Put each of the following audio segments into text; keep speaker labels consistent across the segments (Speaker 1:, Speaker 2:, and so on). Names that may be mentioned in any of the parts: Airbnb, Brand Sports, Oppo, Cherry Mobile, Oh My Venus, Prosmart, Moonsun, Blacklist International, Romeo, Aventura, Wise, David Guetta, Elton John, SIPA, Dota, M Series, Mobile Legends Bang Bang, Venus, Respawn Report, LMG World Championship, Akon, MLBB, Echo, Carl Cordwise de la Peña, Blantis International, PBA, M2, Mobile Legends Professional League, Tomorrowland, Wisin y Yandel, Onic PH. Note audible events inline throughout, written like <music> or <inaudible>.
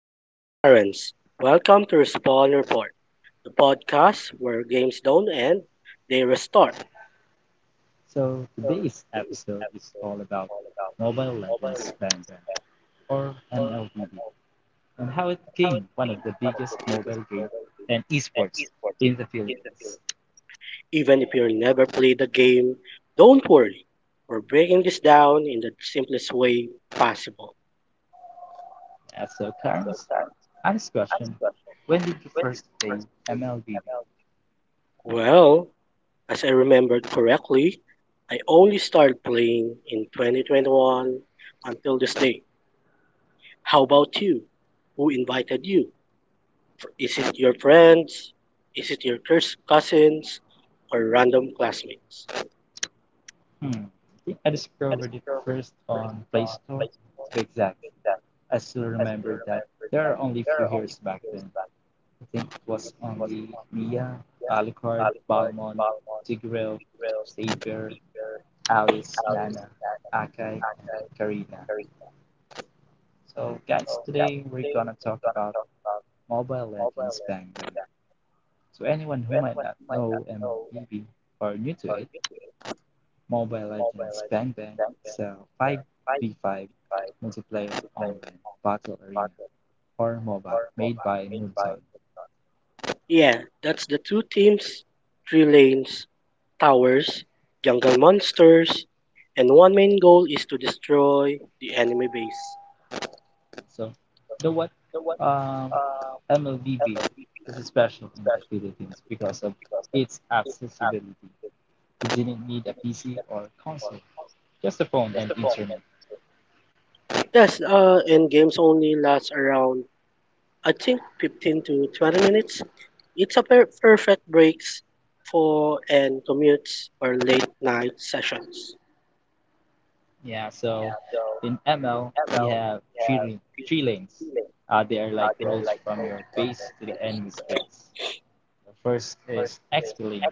Speaker 1: And I'm Clarence. Welcome to Respawn Report, the podcast where games don't end, they restart.
Speaker 2: So today's episode is all about Mobile Legends Fandom, or MLBB, and how it became one of the biggest mobile game and esports in the Philippines.
Speaker 1: Even if you never played the game, don't worry. We're breaking this down in the simplest way possible.
Speaker 2: Yeah, so Clarence, honest question, when did you first play MLBB?
Speaker 1: Well, as I remembered correctly, I only started playing in 2021 until this day. How about you? Who invited you? Is it your friends? Is it your cousins? Or random classmates?
Speaker 2: Hmm, I think I discovered it first on Play Store, to be exact. I still remember that there are only a few years back then, I think it was only Mia, Alucard, Balmond, Tigreal, Saber, Alice, Nana, Akai, and Karina. So, guys, today we're gonna talk about Mobile Legends Bang Bang. So, anyone who might not know MLBB or new to it, Mobile Legends Bang Bang is a 5v5 multiplayer online battle arena or MOBA made by Moonsun.
Speaker 1: Yeah, that's the two teams, three lanes, towers, jungle monsters, and one main goal is to destroy the enemy base.
Speaker 2: So, the what um, MLBB is special in the Philippines because of its accessibility. You didn't need a PC or console, just a phone and internet.
Speaker 1: Yes, and games only last around I think 15 to 20 minutes. It's a perfect breaks for and commutes or late night sessions.
Speaker 2: Yeah, so in ML we have three lanes. They are like roads from your base to the enemy's base. The first is XP lane,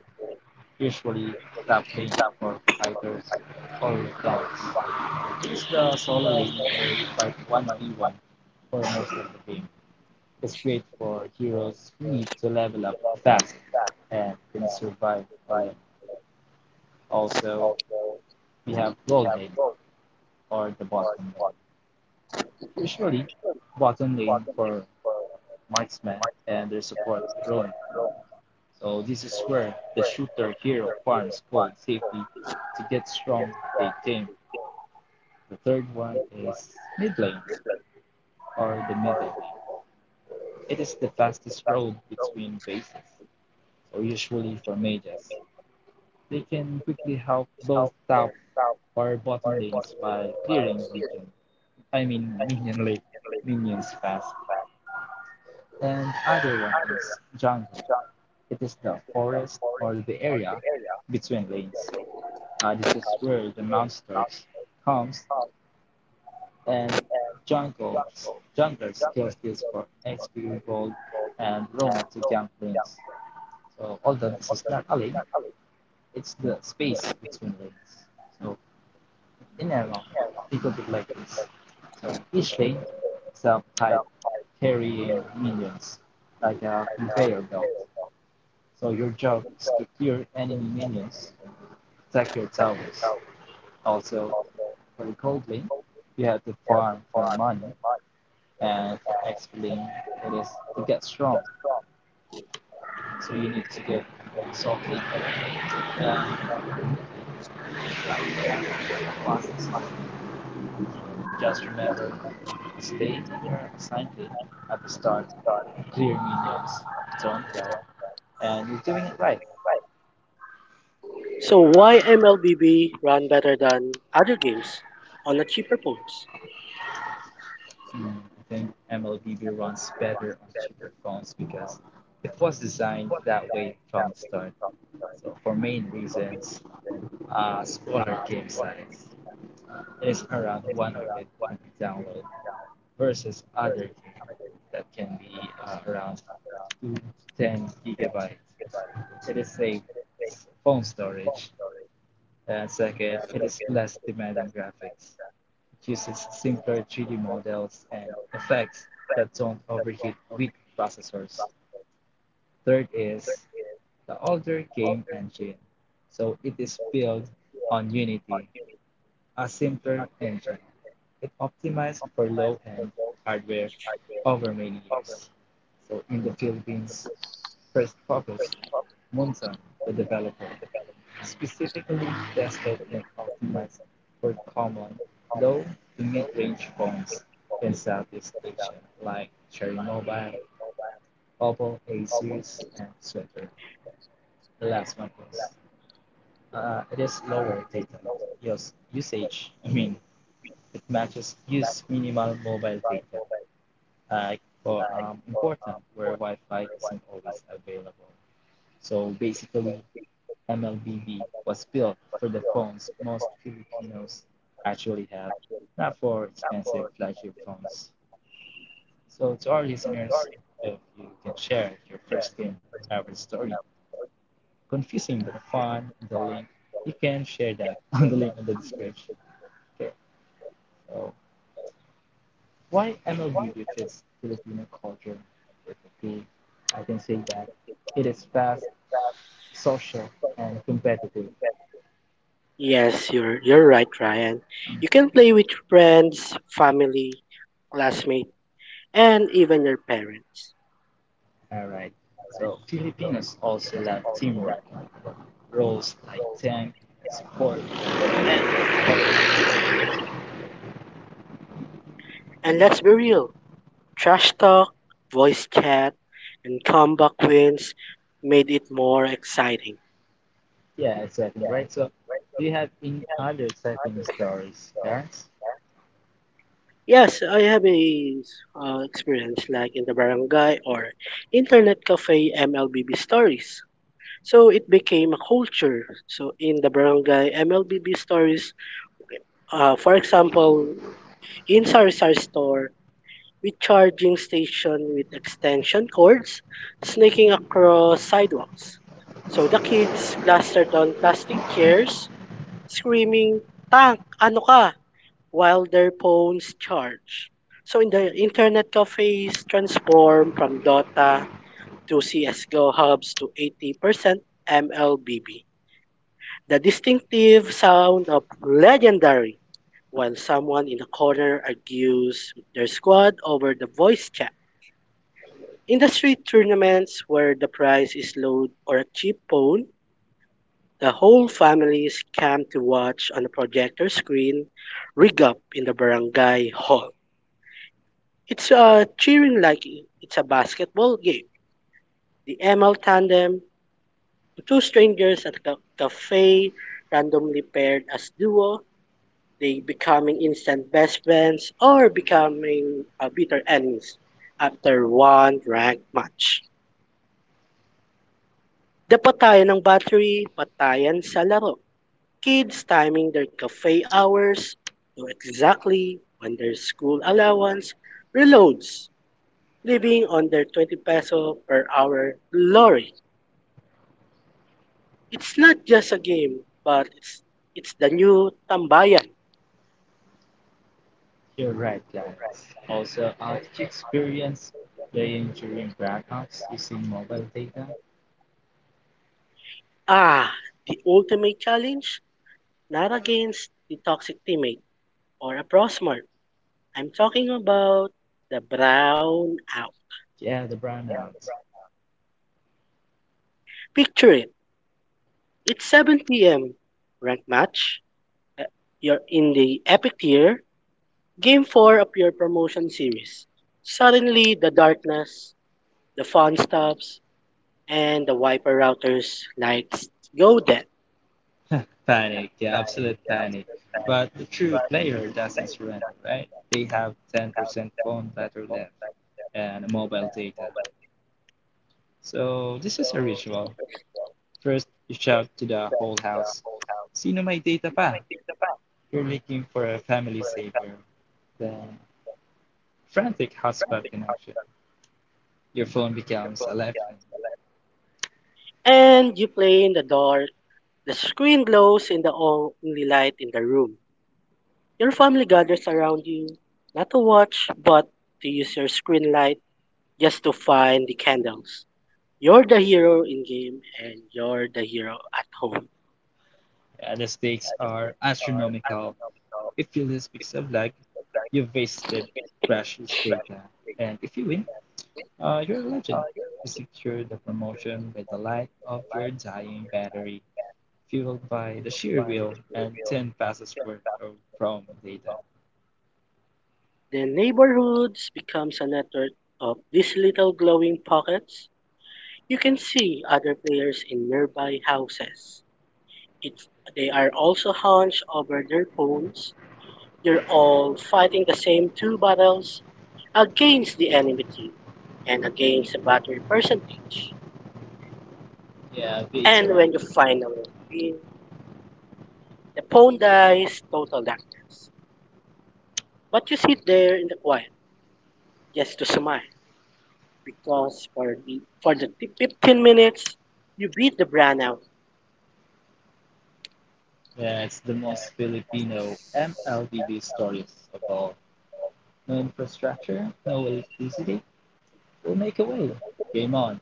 Speaker 2: usually top lane for fighters or tanks. He the solo lane where you fight 1v1 for most of the game. It's great for heroes who need to level up fast and can survive alone. Also, we have gold lane or the bottom lane. Usually, bottom lane for marksman and their support roam. So this is where the shooter hero farms gold safely to get strong big game. The third one is mid lane or the middle lane. It is the fastest road between bases, so usually for mages, they can quickly help both top or bottom lanes while clearing minion, I mean minion lane, minions fast. And other one is jungle. It is the forest or the area between lanes. This is where the monsters comes and jungles junglers kills this for XP gold and roam to jump lanes. So although this is not a lane, it's the space between lanes. So in airlock, think of it like this. So each lane is a pipe carrying minions, like a conveyor belt. So your job is to clear enemy minions, protect your towers. Also, for the gold lane, you have to farm for money, and for XP lane, it is to get strong. So you need to get salt and right. Just remember, staying in your assignment at the start, clearing minions, don't lag, and you're doing it right.
Speaker 1: So why MLBB run better than other games on a cheaper phones?
Speaker 2: Hmm, I think MLBB runs better on cheaper phones because it was designed that way from the start. So for main reasons, smaller game size. It is around 100 download versus other game that can be around 2 to 10 gigabytes. It is a phone storage. Second, it is less demanding graphics. It uses simpler 3D models and effects that don't overheat weak processors. Third is the older game engine. So it is built on Unity, a simpler engine. It optimized for low end hardware over many years. So in the Philippines, first focus, Monson, the developer, specifically tested and optimized for common low- to mid-range phones in Southeast Asia like Cherry Mobile, Oppo A-series, and Sweater. The last one is it is lower data usage. I mean, it matches use minimal mobile data. Like for important where Wi-Fi isn't always available. So basically, MLBB was built for the phones most Filipinos actually have, not for expensive flagship phones. So, to our listeners, if you can share your first game ever story, confusing but fun, the link, you can share that <laughs> on the link in the description. Okay, so why MLBB fits Filipino culture perfectly? I can say that it is fast, social, and competitive.
Speaker 1: Yes, you're right, Ryan. You can play with friends, family, classmates, and even your parents.
Speaker 2: All right. So Filipinos also love teamwork, roles like tank, support.
Speaker 1: And let's be real, trash talk, voice chat, and comeback wins made it more exciting.
Speaker 2: Yeah, exactly. Right. So do you have any other exciting stories, Clarence?
Speaker 1: Yes, I have a experience like in the barangay or internet cafe MLBB stories. So it became a culture. So in the barangay, MLBB stories. For example, in Sarisar store, with charging station with extension cords snaking across sidewalks. So the kids clustered on plastic chairs, screaming, "Tank, ano ka?" while their phones charge. So in the internet cafes transform from Dota to CSGO hubs to 80% MLBB. The distinctive sound of legendary, while someone in a corner argues with their squad over the voice chat. Industry tournaments where the prize is low or a cheap phone, the whole families come to watch on a projector screen rig up in the barangay hall. It's cheering like it's a basketball game. The ML tandem, two strangers at a cafe randomly paired as duo, they becoming instant best friends or becoming bitter enemies after one rank match. The patayan ng battery, patayan sa laro. Kids timing their cafe hours to exactly when their school allowance reloads, living on their 20 peso per hour glory. It's not just a game, but it's the new tambayan.
Speaker 2: You're right, Clarence. Also, how did you experience playing during brownouts using mobile data?
Speaker 1: Ah, the ultimate challenge, not against the toxic teammate, or a Prosmart. I'm talking about the brown out.
Speaker 2: Yeah, the brownouts.
Speaker 1: Picture it. It's 7 p.m. Rank match. Uh, You're in the epic tier. Game 4 of your promotion series. Suddenly, the darkness, the fun stops, and the wiper routers lights go dead.
Speaker 2: <laughs> Panic, yeah, absolute panic. But the true player doesn't surrender, right? They have 10% phone battery left and mobile data. So, this is a ritual. First, you shout to the whole house, Sino may data pa? You're looking for a family savior. Then, frantic hotspot connection. Your phone becomes a lifeline.
Speaker 1: And you play in the dark. The screen glows in the only light in the room. Your family gathers around you, not to watch, but to use your screen light just to find the candles. You're the hero in game and you're the hero at home.
Speaker 2: The stakes are astronomical. If you lose pixel of lag, you've wasted precious data. And if you win, you're a legend. You secure the promotion with the light of your dying battery, fueled by the sheer will and 10 passes worth of promo data.
Speaker 1: The neighborhoods becomes a network of these little glowing pockets. You can see other players in nearby houses. It's, they are also hunched over their phones. You're all fighting the same two battles against the enemy team and against the battery percentage.
Speaker 2: Yeah,
Speaker 1: And
Speaker 2: victory.
Speaker 1: when you finally win, the pawn dies total darkness. But you sit there in the quiet just to smile because for the 15 minutes you beat the brand out.
Speaker 2: Yeah, it's the most Filipino MLBB stories of all. No infrastructure, no electricity, we'll make a way. Game on.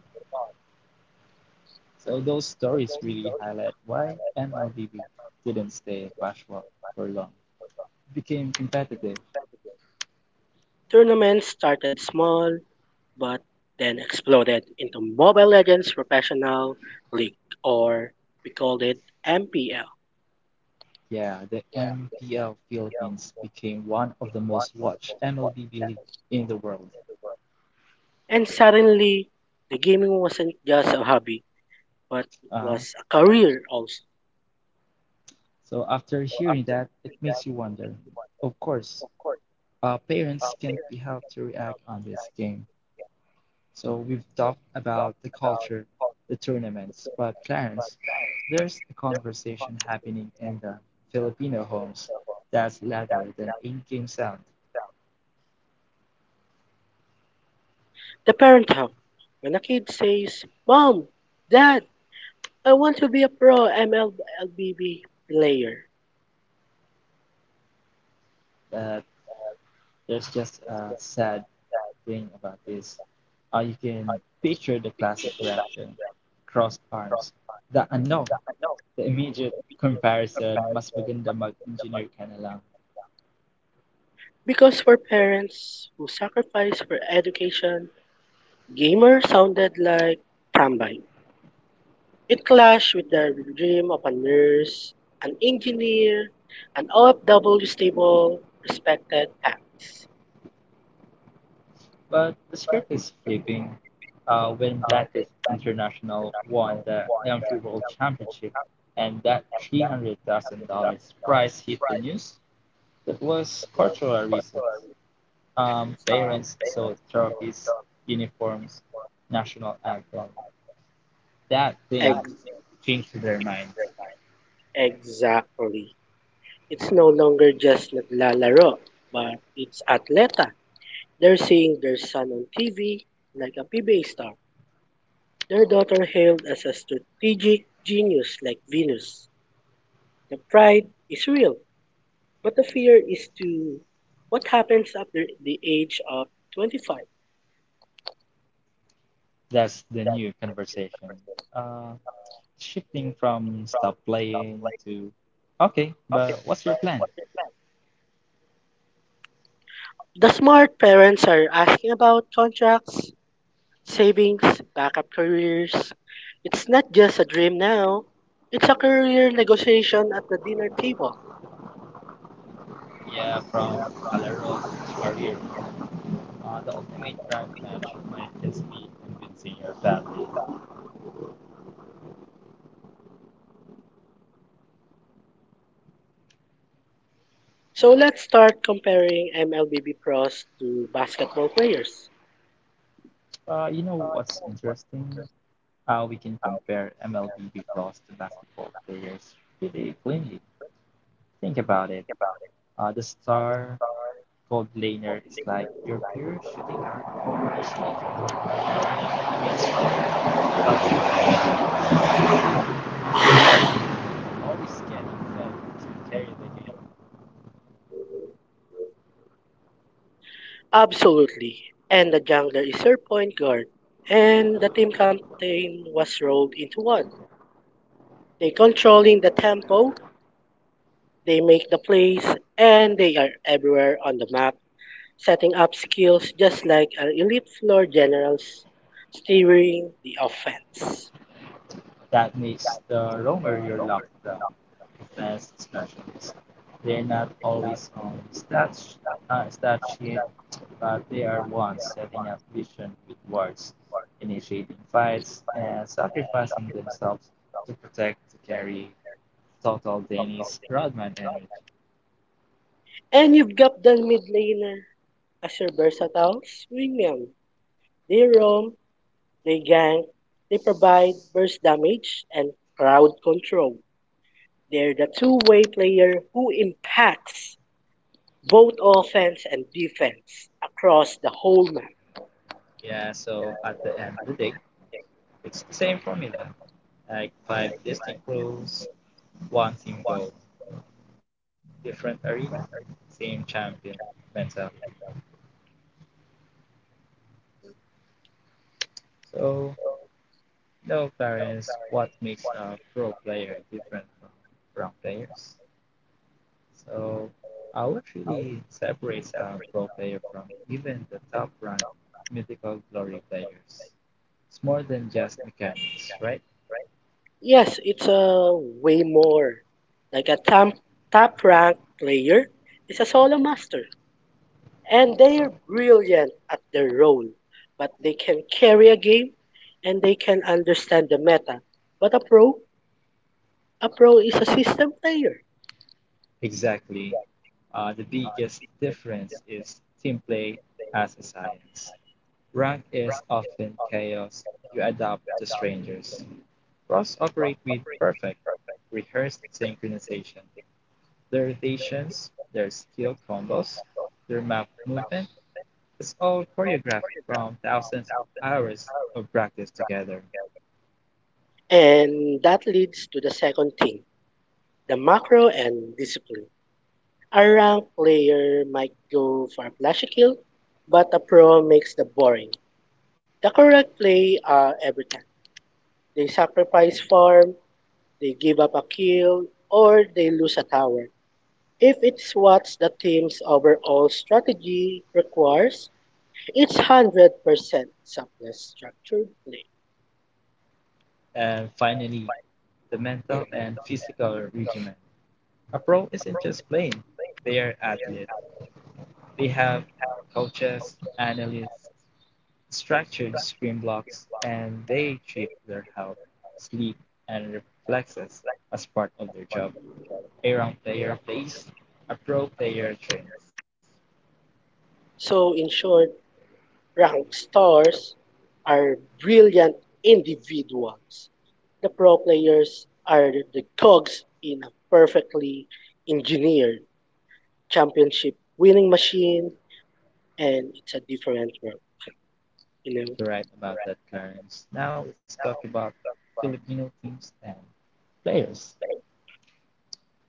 Speaker 2: So those stories really highlight why MLBB didn't stay casual for long. It became competitive.
Speaker 1: Tournaments started small but then exploded into Mobile Legends Professional League, or we called it MPL.
Speaker 2: Yeah, the MPL Philippines became one of the most watched MLBB league in the world.
Speaker 1: And suddenly the gaming wasn't just a hobby but it
Speaker 2: Uh,
Speaker 1: was a career also.
Speaker 2: So after hearing that, it makes you wonder. Of course, parents can't be helped to react on this game. So we've talked about the culture, the tournaments, but Clarence, there's a conversation happening in the Filipino homes that's louder than in-game sound.
Speaker 1: The parent help. When a kid says, "Mom, Dad, I want to be a pro MLB player."
Speaker 2: But there's just a sad thing about this. You can picture the classic reaction, crossed arms, the ano. The immediate comparison, mas maganda mag-engineer ka na lang.
Speaker 1: Because for parents who sacrifice for education, gamer sounded like Tambay. It clashed with their dream of a nurse, an engineer, an OFW stable, respected tax.
Speaker 2: But the script is flipping. When Blantis International won the LMG World Championship and that $300,000 prize hit the news, that was cultural reasons. Parents sold trophies, uniforms, national anthem. That thing
Speaker 1: Ex-
Speaker 2: changed their minds.
Speaker 1: exactly. It's no longer just naglalaro, but it's atleta. They're seeing their son on TV like a PBA star. Their daughter hailed as a strategic genius like Venus. The pride is real. But the fear is to what happens after the age of 25.
Speaker 2: That's the new conversation. Uh, Shifting from stop playing to okay, but what's your plan?
Speaker 1: The smart parents are asking about contracts, savings, backup careers. It's not just a dream now, it's a career negotiation at the dinner table.
Speaker 2: Yeah, from Calero to Career. The ultimate drag match might just be convincing your family.
Speaker 1: So let's start comparing MLBB pros to basketball players.
Speaker 2: You know what's interesting? How we can compare MLB pros to basketball players pretty cleanly. Think about it. The star cold laner is like your pure shooting guard or a small forward. Yes, but you always get them to carry the game.
Speaker 1: Absolutely. And the jungler is your point guard. And the team captain was rolled into one. They controlling the tempo, they make the plays, and they are everywhere on the map, setting up skills just like our elite floor generals steering the offense.
Speaker 2: That makes the roamer your luck the best specialist. They're not always on stat sheet, but they are ones setting up vision with wards, initiating fights, and sacrificing themselves to protect the carry total Dennis Rodman energy.
Speaker 1: And you've got the mid laner as your versatile swingman. They roam, they gank, they provide burst damage and crowd control. They're the two-way player who impacts both offense and defense across the whole map.
Speaker 2: Yeah, so at the end of the day, it's the same formula, like five distinct rules, one team goal, different arena, same champion mentality. So no, parents, what makes a pro player different from players? So, what really separates a pro player from even the top-ranked mythical glory players? It's more than just mechanics, right?
Speaker 1: Yes, it's a way more. Like a top ranked player is a solo master, and they're brilliant at their role. But they can carry a game, and they can understand the meta. But a pro is a system player,
Speaker 2: Exactly. The biggest difference is team play as a science. Rank is often chaos. You adapt to strangers. Pros operate with perfect, rehearsed synchronization. Their rotations, their skill combos, their map movement, it's all choreographed from thousands of hours of practice together.
Speaker 1: and that leads to the second thing: the macro and discipline. A rank player might go for a flashy kill, but a pro makes the boring, the correct play every time. They sacrifice farm, they give up a kill, or they lose a tower. If it's what the team's overall strategy requires, it's 100% subtless structured play.
Speaker 2: And finally, the mental and physical regimen. A pro isn't just playing, they are athletes. They have coaches, analysts, structured screen blocks, and they treat their health, sleep, and reflexes as part of their job. A rank player plays, a pro player trains.
Speaker 1: So, in short, ranked stars are brilliant individuals. The pro players are the cogs in a perfectly engineered championship winning machine, and it's a different world, you know?
Speaker 2: You're right about that, Clarence. Now let's talk about Filipino teams and players.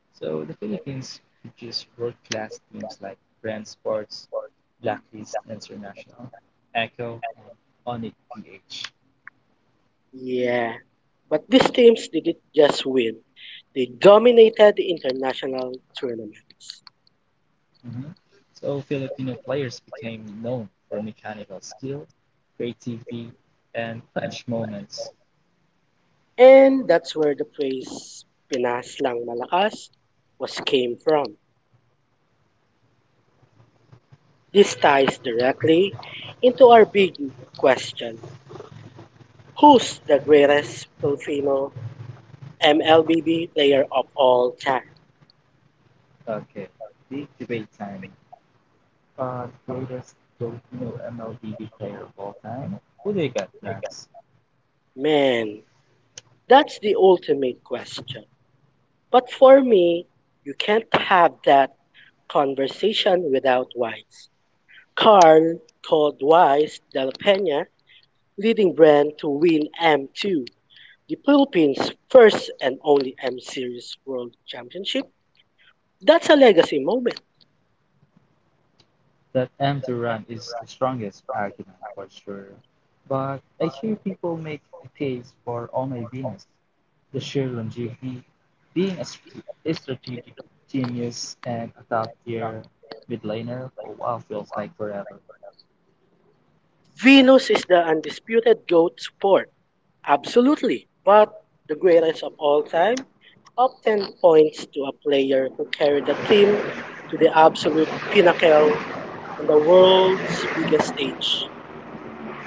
Speaker 2: So the Philippines produce world-class teams like Brand Sports, Blacklist International, Echo, and Onic PH.
Speaker 1: Yeah. But these teams didn't just win, they dominated international tournaments.
Speaker 2: Mhm. So Filipino players became known for mechanical skill, creativity, and clutch moments.
Speaker 1: And that's where the phrase "Pinas lang malakas" was came from. This ties directly into our big question. Who's the greatest Filipino MLBB player of all time?
Speaker 2: Okay, big debate time. The greatest Filipino MLBB player of all time. Who do you got, Clarence?
Speaker 1: Man, that's the ultimate question. But for me, you can't have that conversation without Wise. Carl Cordwise de la Peña, leading brand to win M2, the Philippines' first and only M Series World Championship. That's a legacy moment.
Speaker 2: That empty run is the strongest argument for sure, but I hear people make a case for Oh My Venus, the sheer longevity, being a strategic genius and a top tier mid laner for a while feels like forever.
Speaker 1: Venus is the undisputed GOAT sport, absolutely, but the greatest of all time. Top 10 points to a player who carried the team to the absolute pinnacle on the world's biggest stage.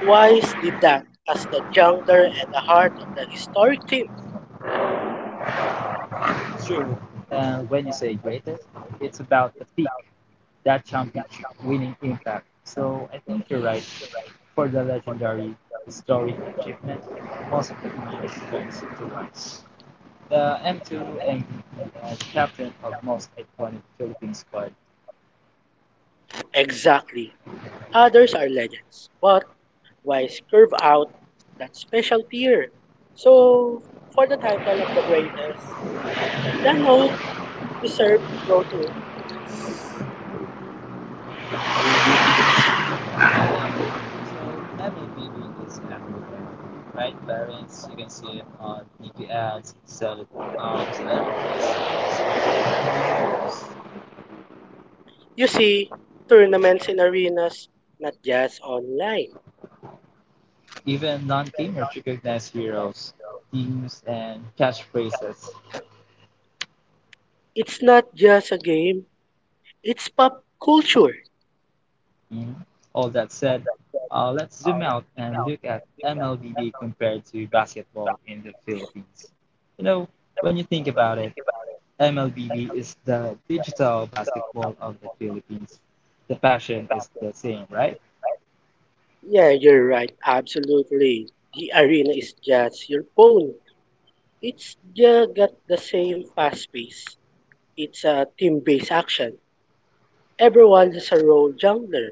Speaker 1: Wise did that as the jungler and the heart of the historic team.
Speaker 2: True. And when you say greatest, it's about the peak, that championship winning impact. So I think you're right for the legendary historic achievement, most of the time points to us. The M2ME was captain of most iconic Philippine squad.
Speaker 1: Exactly. Others are legends, but wise curve out that special tier. So, for the title of the greatest, the note reserved go to.
Speaker 2: So level BB is everywhere, right? Variants you can see it on TV ads, celebrities,
Speaker 1: You see, tournaments in arenas, not just online.
Speaker 2: even non-gamers recognize heroes, teams, and catchphrases.
Speaker 1: It's not just a game, it's pop culture.
Speaker 2: Mhm. All that said, let's zoom out and look at MLBB compared to basketball in the Philippines. You know, when you think about it, MLBB is the digital basketball of the Philippines. The passion is the same, right?
Speaker 1: Yeah, you're right, absolutely. The arena is just your phone. It's just got the same fast pace. It's a team-based action everyone has a role jungler.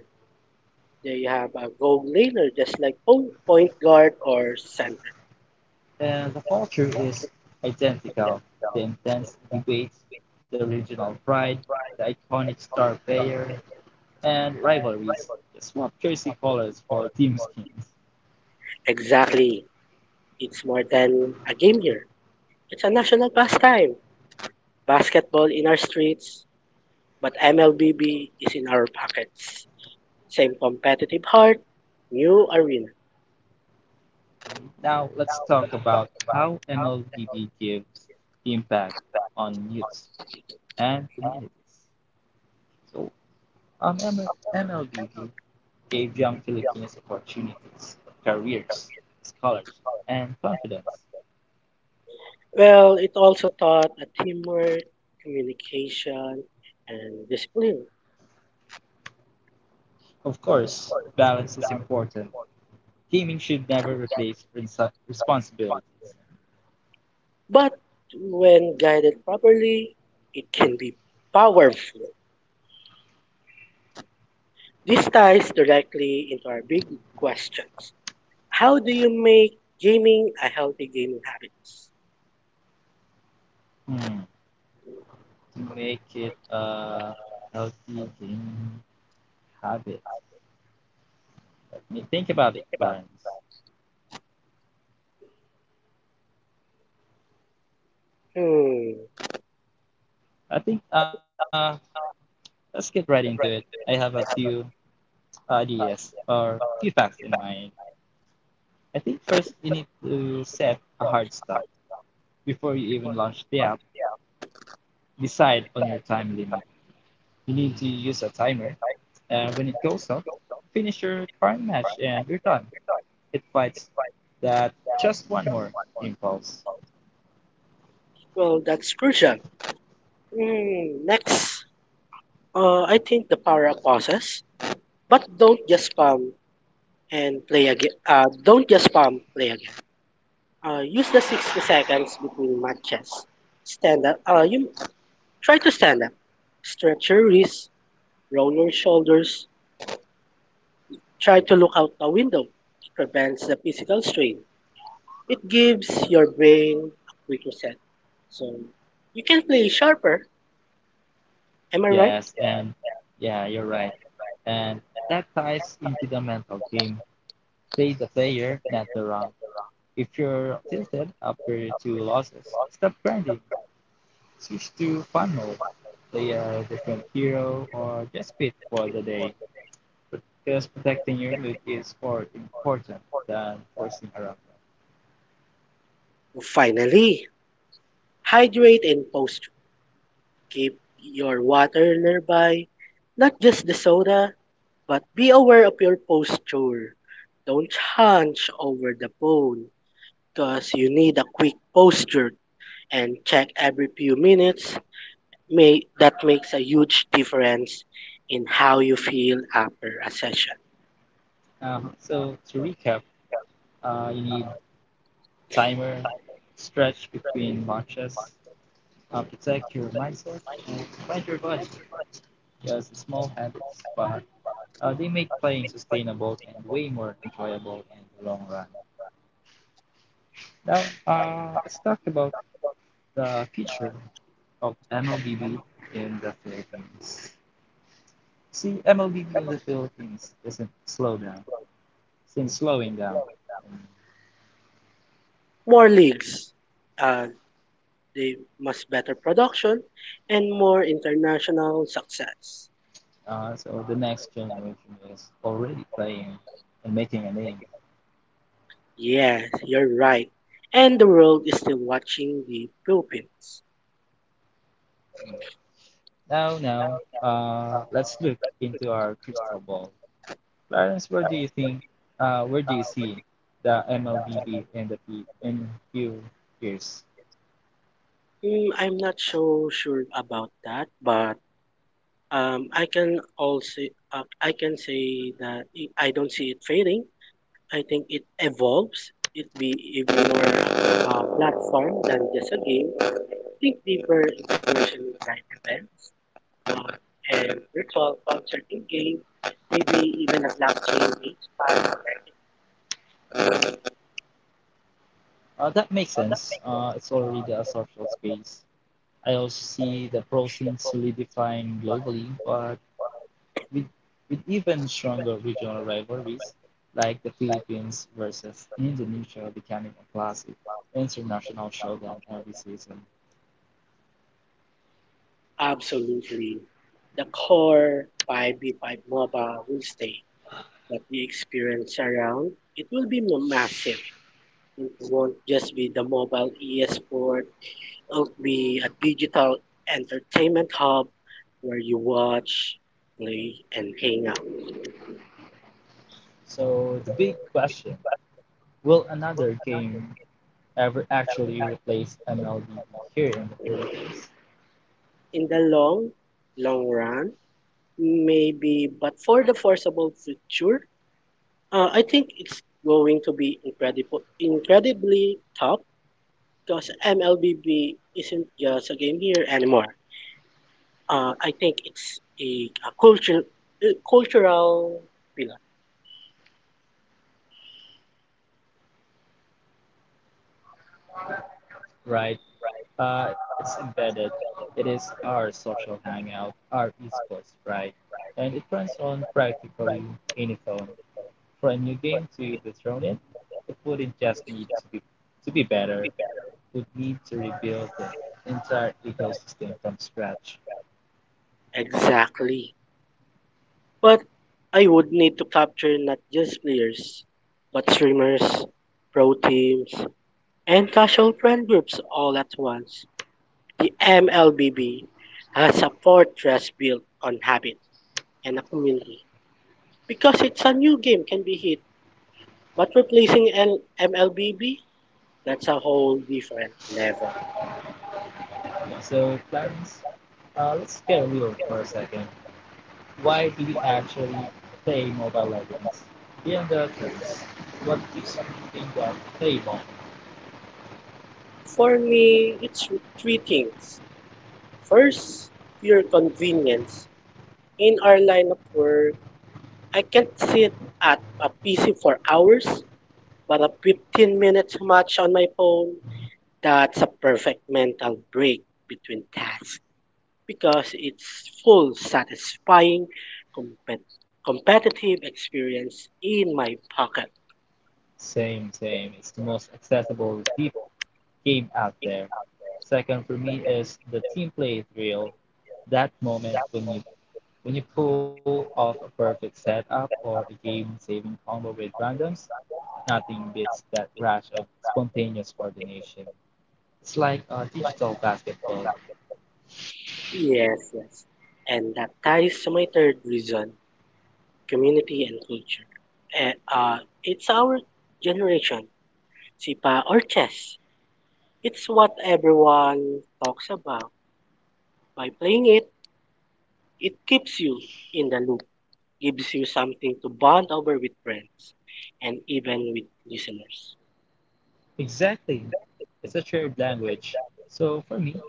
Speaker 1: They have a goal laner just like point guard or center.
Speaker 2: And the culture is identical. The intense debates, the regional pride, the iconic star player, and rivalries. Just swap jersey colors for team skins.
Speaker 1: Exactly. It's more than a game here. It's a national pastime. Basketball in our streets, but MLBB is in our pockets. Same competitive heart, new arena.
Speaker 2: Now let's talk about how MLBB gives impact on youths and communities. So, um, MLBB gave young Filipinos opportunities, careers, scholarships, and confidence.
Speaker 1: Well, it also taught a teamwork, communication, and discipline.
Speaker 2: Of course, balance is important. Gaming should never replace responsibilities.
Speaker 1: But when guided properly, it can be powerful. This ties directly into our big questions. How do you make gaming a healthy gaming habit?
Speaker 2: Hmm. To make it a healthy gaming habit. Let me think about it, Clarence.
Speaker 1: Hmm.
Speaker 2: I think let's get right into it. I have a few ideas or few facts in mind. I think first you need to set a hard stop before you even launch the app. Decide on your time limit. You need to use a timer, and when it goes off, finish your current match and you're done. It fights that just one more impulse.
Speaker 1: Well, that's crucial. Hmm. Next, I think the power of pauses, but don't just spam and play again. Don't just spam play again. Use the 60 seconds between matches. Stand up. You try to stand up. Stretch your wrists, roll your shoulders. Try to look out the window. It prevents the physical strain. It gives your brain a quick reset, so you can play sharper. Am I right?
Speaker 2: Yes, and yeah, you're right. And that ties into the mental game. Play the player, not the rank. If you're tilted after two losses, stop grinding. Switch to fun mode. Play a different hero or just quit for the day, because protecting your mood is more important than forcing around
Speaker 1: Finally, hydrate and post. Keep your water nearby, not just the soda, but be aware of your posture. Don't hunch over the phone because you need a quick posture and check every few minutes. May, that makes a huge difference in how you feel after a session.
Speaker 2: it. So to recap, you need timer, stretch between watches, protect your mindset, and find your body. Just small habits, but they make playing sustainable and way more enjoyable in the long run. Now, let's talk about the future of MLBB in the Philippines. See, MLBB in the Philippines doesn't slow down, since slowing down. And,
Speaker 1: More leagues. Uh, they must better production and more international success.
Speaker 2: uh, so the next generation is already playing and making a name.
Speaker 1: Yes, you're right. And the world is still watching the Philippines.
Speaker 2: Mm. Now, let's look into our crystal ball. Clarence, where do you see the MLBB in the fe- in few years?
Speaker 1: I'm not so sure about that, but I can also I can say that I don't see it fading. I think it evolves. It be even more platform than just a game. Dig deeper into social night events, art, and ritual culture in game, maybe even a blockchain based party.
Speaker 2: That makes sense. It's already a social space. I also see the pro scene solidifying globally, but with, with even stronger regional rivalries like the Philippines versus Indonesia becoming a classic international showdown every season.
Speaker 1: Absolutely. The core 5v5 MOBA will stay, but the experience around it will be massive. It won't just be the mobile e-sport, it'll be a digital entertainment hub where you watch, play, and hang out.
Speaker 2: So the big question, will another game ever actually replace MLB here in the Philippines?
Speaker 1: In the long, long run, maybe, but for the foreseeable future, I think it's going to be incredibly tough because MLBB isn't just a game here anymore. I think it's a culture, a cultural pillar.
Speaker 2: Right? It's embedded. It is our social hangout, our esports pride, and it runs on practically any phone. For a new game to dethrone it, it wouldn't just need to be better, it would need to rebuild the entire ecosystem from scratch.
Speaker 1: Exactly. But I would need to capture not just players, but streamers, pro teams, and casual friend groups all at once. The MLBB has a fortress built on habit and a community because it's a new game can be hit, but replacing MLBB, that's a whole different level.
Speaker 2: So, plans. Let's get real for a second. Why do we actually play Mobile Legends? Beyond the tools, what gives you think that playable?
Speaker 1: For me, it's three things. First, pure convenience. In our line of work, I can't sit at a PC for hours, but a 15 minutes match on my phone, that's a perfect mental break between tasks. Because it's full satisfying compet- competitive experience in my pocket.
Speaker 2: Same, same. It's the most accessible deep game out there. Second for me is the team play thrill. That moment when you pull off a perfect setup or a game saving combo with randoms, nothing beats that rush of spontaneous coordination. It's like a digital basketball.
Speaker 1: Yes, yes. And that ties to my third reason, community and culture. It's our generation, SIPA or chess. It's what everyone talks about. By playing it, it keeps you in the loop, gives you something to bond over with friends and even with listeners.
Speaker 2: Exactly. It's a shared language. So for me,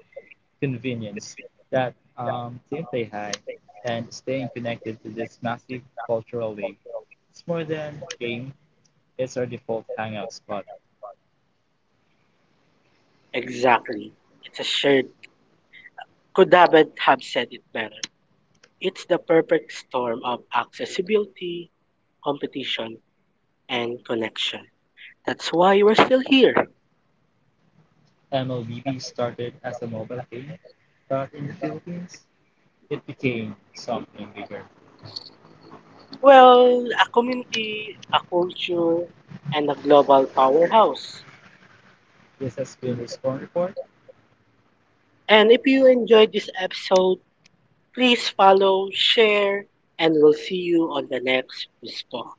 Speaker 2: convenience, that team play high, and staying connected to this massive cultural wave. It's more than game, it's our default hangout spot.
Speaker 1: Exactly. It's a shared could haven't have said it better. It's the perfect storm of accessibility, competition, and connection. That's why we're still here.
Speaker 2: MLBB started as a mobile game, but in the Philippines, it became something bigger;
Speaker 1: Well, a community, a culture, and a global powerhouse.
Speaker 2: this has been the corner report.
Speaker 1: And if you enjoyed this episode, please follow, share, and we'll see you on the next Response.